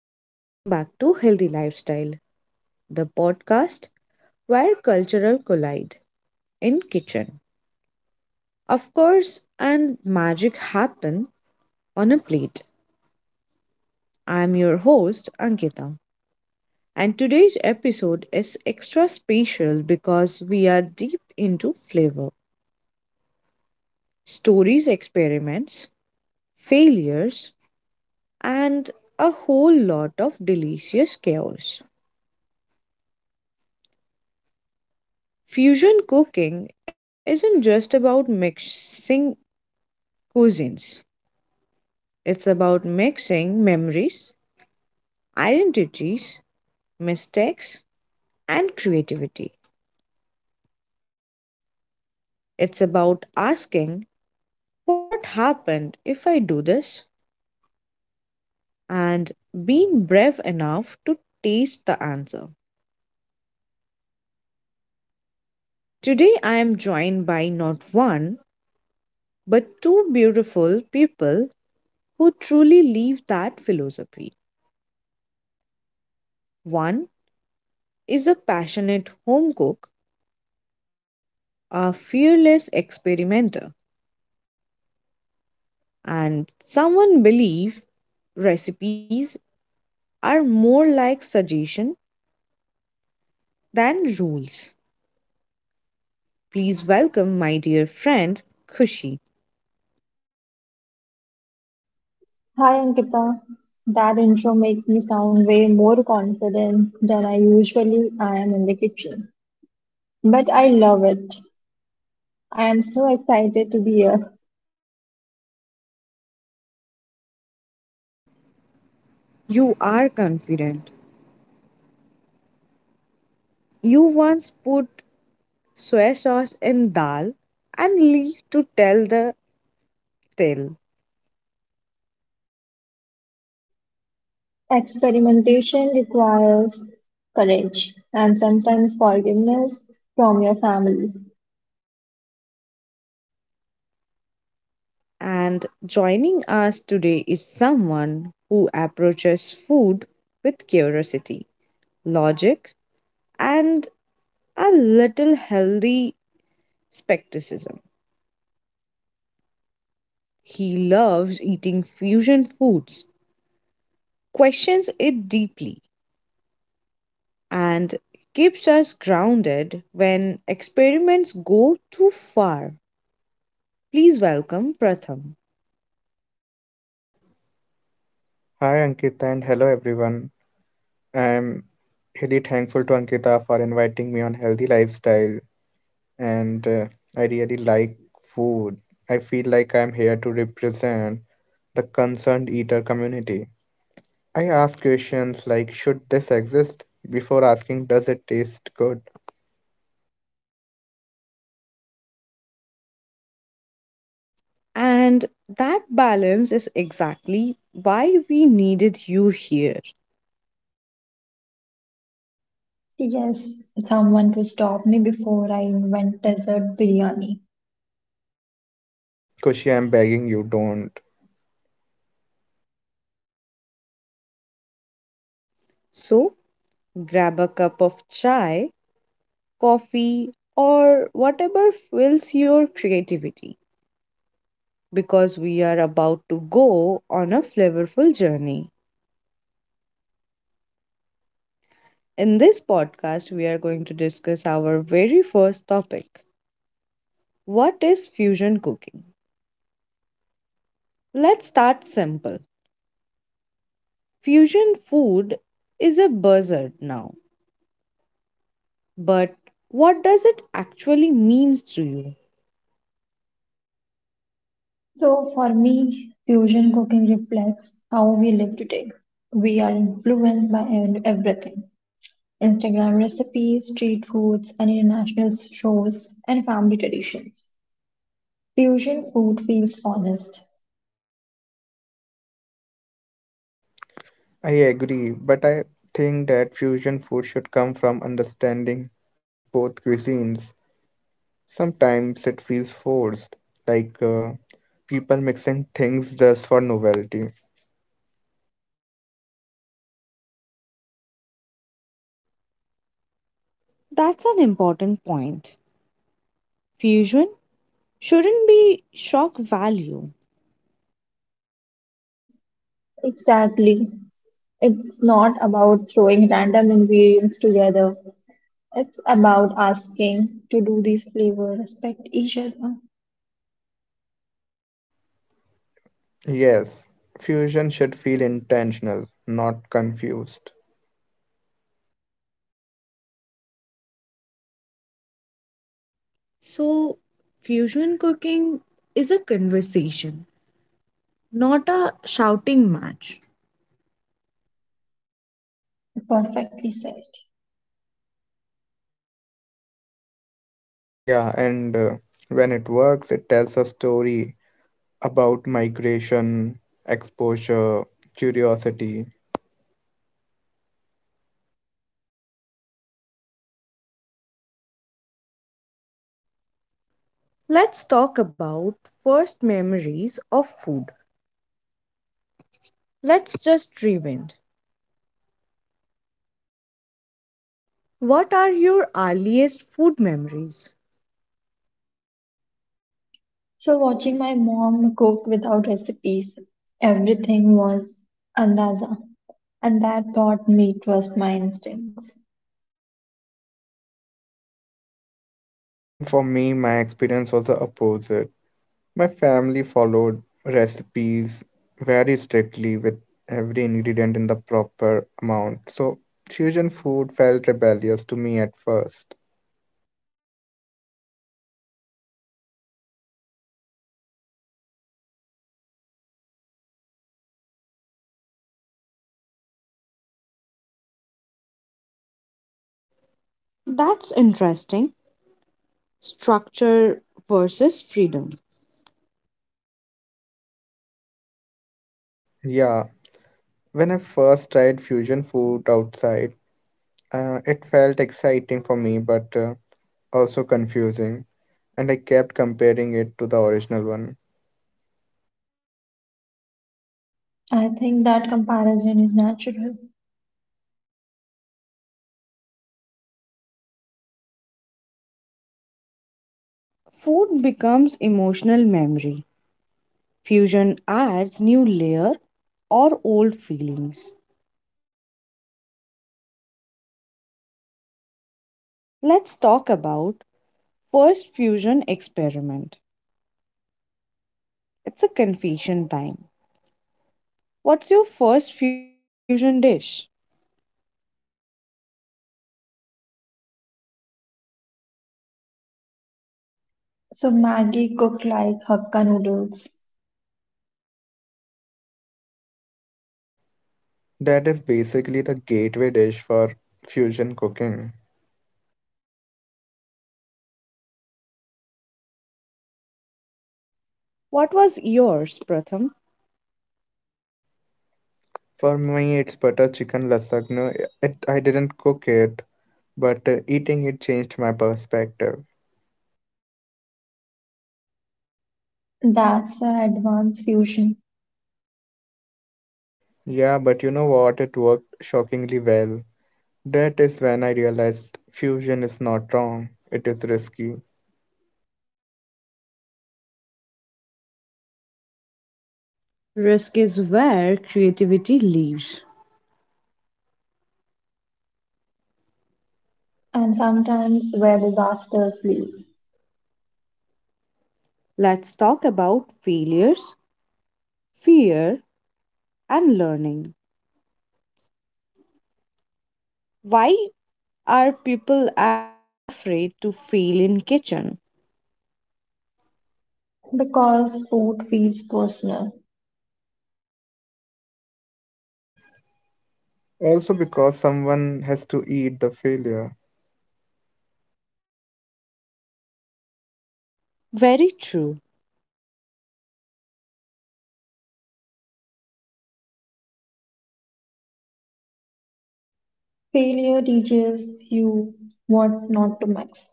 and welcome back to Healthy Lifestyle, the podcast where cultural collide in kitchen. Of course, and magic happen on a plate. I'm your host, Ankita, and today's episode is extra special because we are deep into flavor, stories, experiments, failures, and a whole lot of delicious chaos. Fusion cooking isn't just about mixing cuisines. It's about mixing memories, identities, mistakes, and creativity. It's about asking, what happened if I do this? And being brave enough to taste the answer. Today, I am joined by not one, but two beautiful people who truly live that philosophy. One is a passionate home cook, a fearless experimenter, and someone believes recipes are more like suggestion than rules. Please welcome my dear friend Khushi. Hi Ankita, that intro makes me sound way more confident than I usually I am in the kitchen. But I love it. I am so excited to be here. You are confident. You once put soy sauce in dal and leave to tell the tale. Experimentation requires courage and sometimes forgiveness from your family. And joining us today is someone who approaches food with curiosity, logic, and a little healthy skepticism. He loves eating fusion foods, questions it deeply, and keeps us grounded when experiments go too far. Please welcome Pratham. Hi Ankita and hello everyone. I'm really thankful to Ankita for inviting me on Healthy Lifestyle and I really like food. I feel like I'm here to represent the concerned eater community. I ask questions like should this exist before asking does it taste good? And that balance is exactly why we needed you here. Yes, someone to stop me before I invent desert biryani. Kushi, I'm begging you don't. So grab a cup of chai, coffee, or whatever fills your creativity because we are about to go on a flavorful journey. In this podcast, we are going to discuss our very first topic: what is fusion cooking? Let's start simple. Fusion food is a buzzword now, but what does it actually means to you? So, for me, fusion cooking reflects how we live today. We are influenced by everything, Instagram recipes, street foods, and international shows, and family traditions. Fusion food feels honest. I agree, but I think that fusion food should come from understanding both cuisines. Sometimes it feels forced, like people mixing things just for novelty. That's an important point. Fusion shouldn't be shock value. Exactly. It's not about throwing random ingredients together. It's about asking to do these flavors, respect each other. Yes, fusion should feel intentional, not confused. So, fusion cooking is a conversation, not a shouting match. Perfectly said. Yeah, and when it works, it tells a story about migration, exposure, curiosity. Let's talk about first memories of food. Let's just rewind. What are your earliest food memories? So watching my mom cook without recipes, everything was andaza and that taught me trust my instincts. And for me, my experience was the opposite. My family followed recipes very strictly with every ingredient in the proper amount, so fusion food felt rebellious to me at first. That's interesting. Structure versus freedom. Yeah, when I first tried fusion food outside, it felt exciting for me but also confusing, and I kept comparing it to the original one. I think that comparison is natural. Food becomes emotional memory. Fusion adds new layer or old feelings. Let's talk about first fusion experiment. It's a confession time. What's your first fusion dish? So Maggie cooked like Hakka noodles. That is basically the gateway dish for fusion cooking. What was yours, Pratham? For me, it's butter chicken lasagna. I didn't cook it, but eating it changed my perspective. That's a advanced fusion. Yeah, but you know what? It worked shockingly well. That is when I realized fusion is not wrong, it is risky. Risk is where creativity lives. And sometimes where disasters lead. Let's talk about failures, fear, and learning. Why are people afraid to fail in kitchen? Because food feels personal. Also, because someone has to eat the failure, Very true. Failure teaches you what not to mix.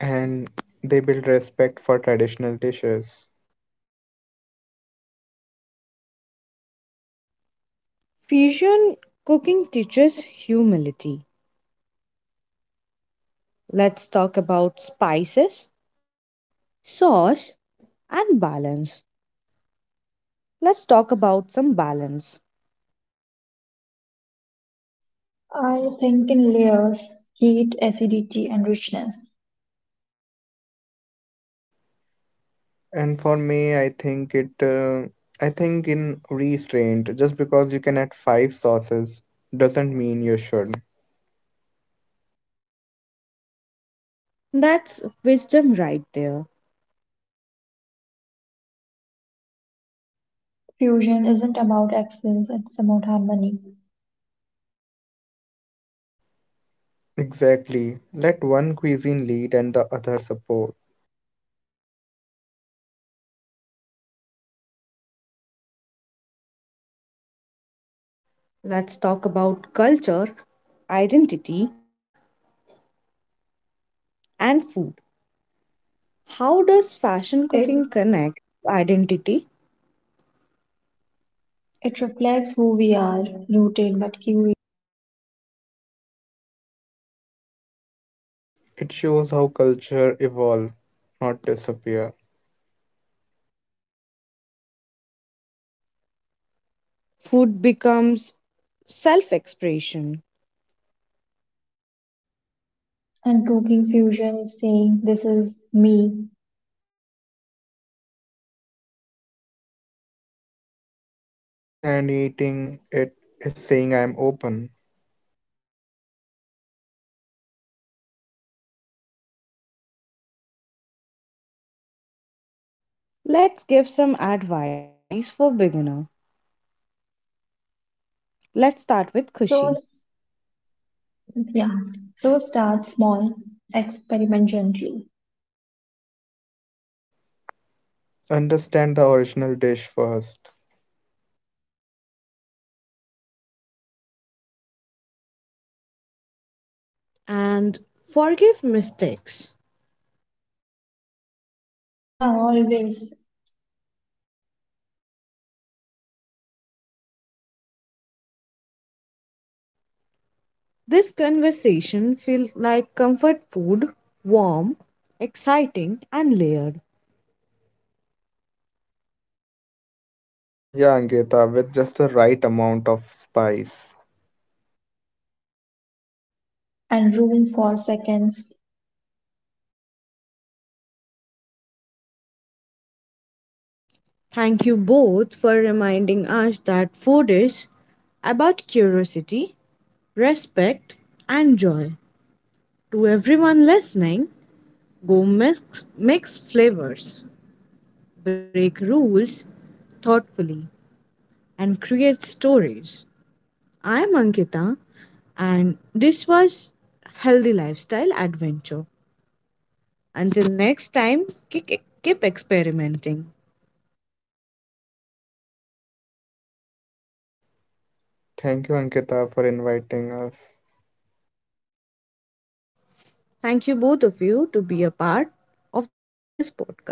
and they build respect for traditional dishes. Fusion cooking teaches humility. Let's talk about spices, sauce, and balance. Let's talk about some balance. I think in layers, heat, acidity, and richness. And for me, I think in restraint, just because you can add 5 sauces doesn't mean you should. That's wisdom right there. Fusion isn't about excellence, it's about harmony. Exactly. Let one cuisine lead and the other support. Let's talk about culture, identity, and food. How does fashion It cooking connect to identity? it reflects who we are, rooted but curious. It shows how culture evolve, not disappear. Food becomes self expression. And cooking fusion is saying this is me. And eating it is saying I'm open. Let's give some advice for beginners. Let's start with Kushi. So Yeah. So start small, experiment gently. Understand the original dish first. And forgive mistakes. Yeah, always. This conversation feels like comfort food, warm, exciting, and layered. Yeah, Ankita, with just the right amount of spice. And room for seconds Thank you both for reminding us that food is about curiosity, respect, and joy. To everyone listening, go mix, mix flavors, break rules thoughtfully, and create stories. I am Ankita, and this was Healthy Lifestyle Adventure. Until next time, keep experimenting. Thank you, Ankita, for inviting us. Thank you both of you to be a part of this podcast.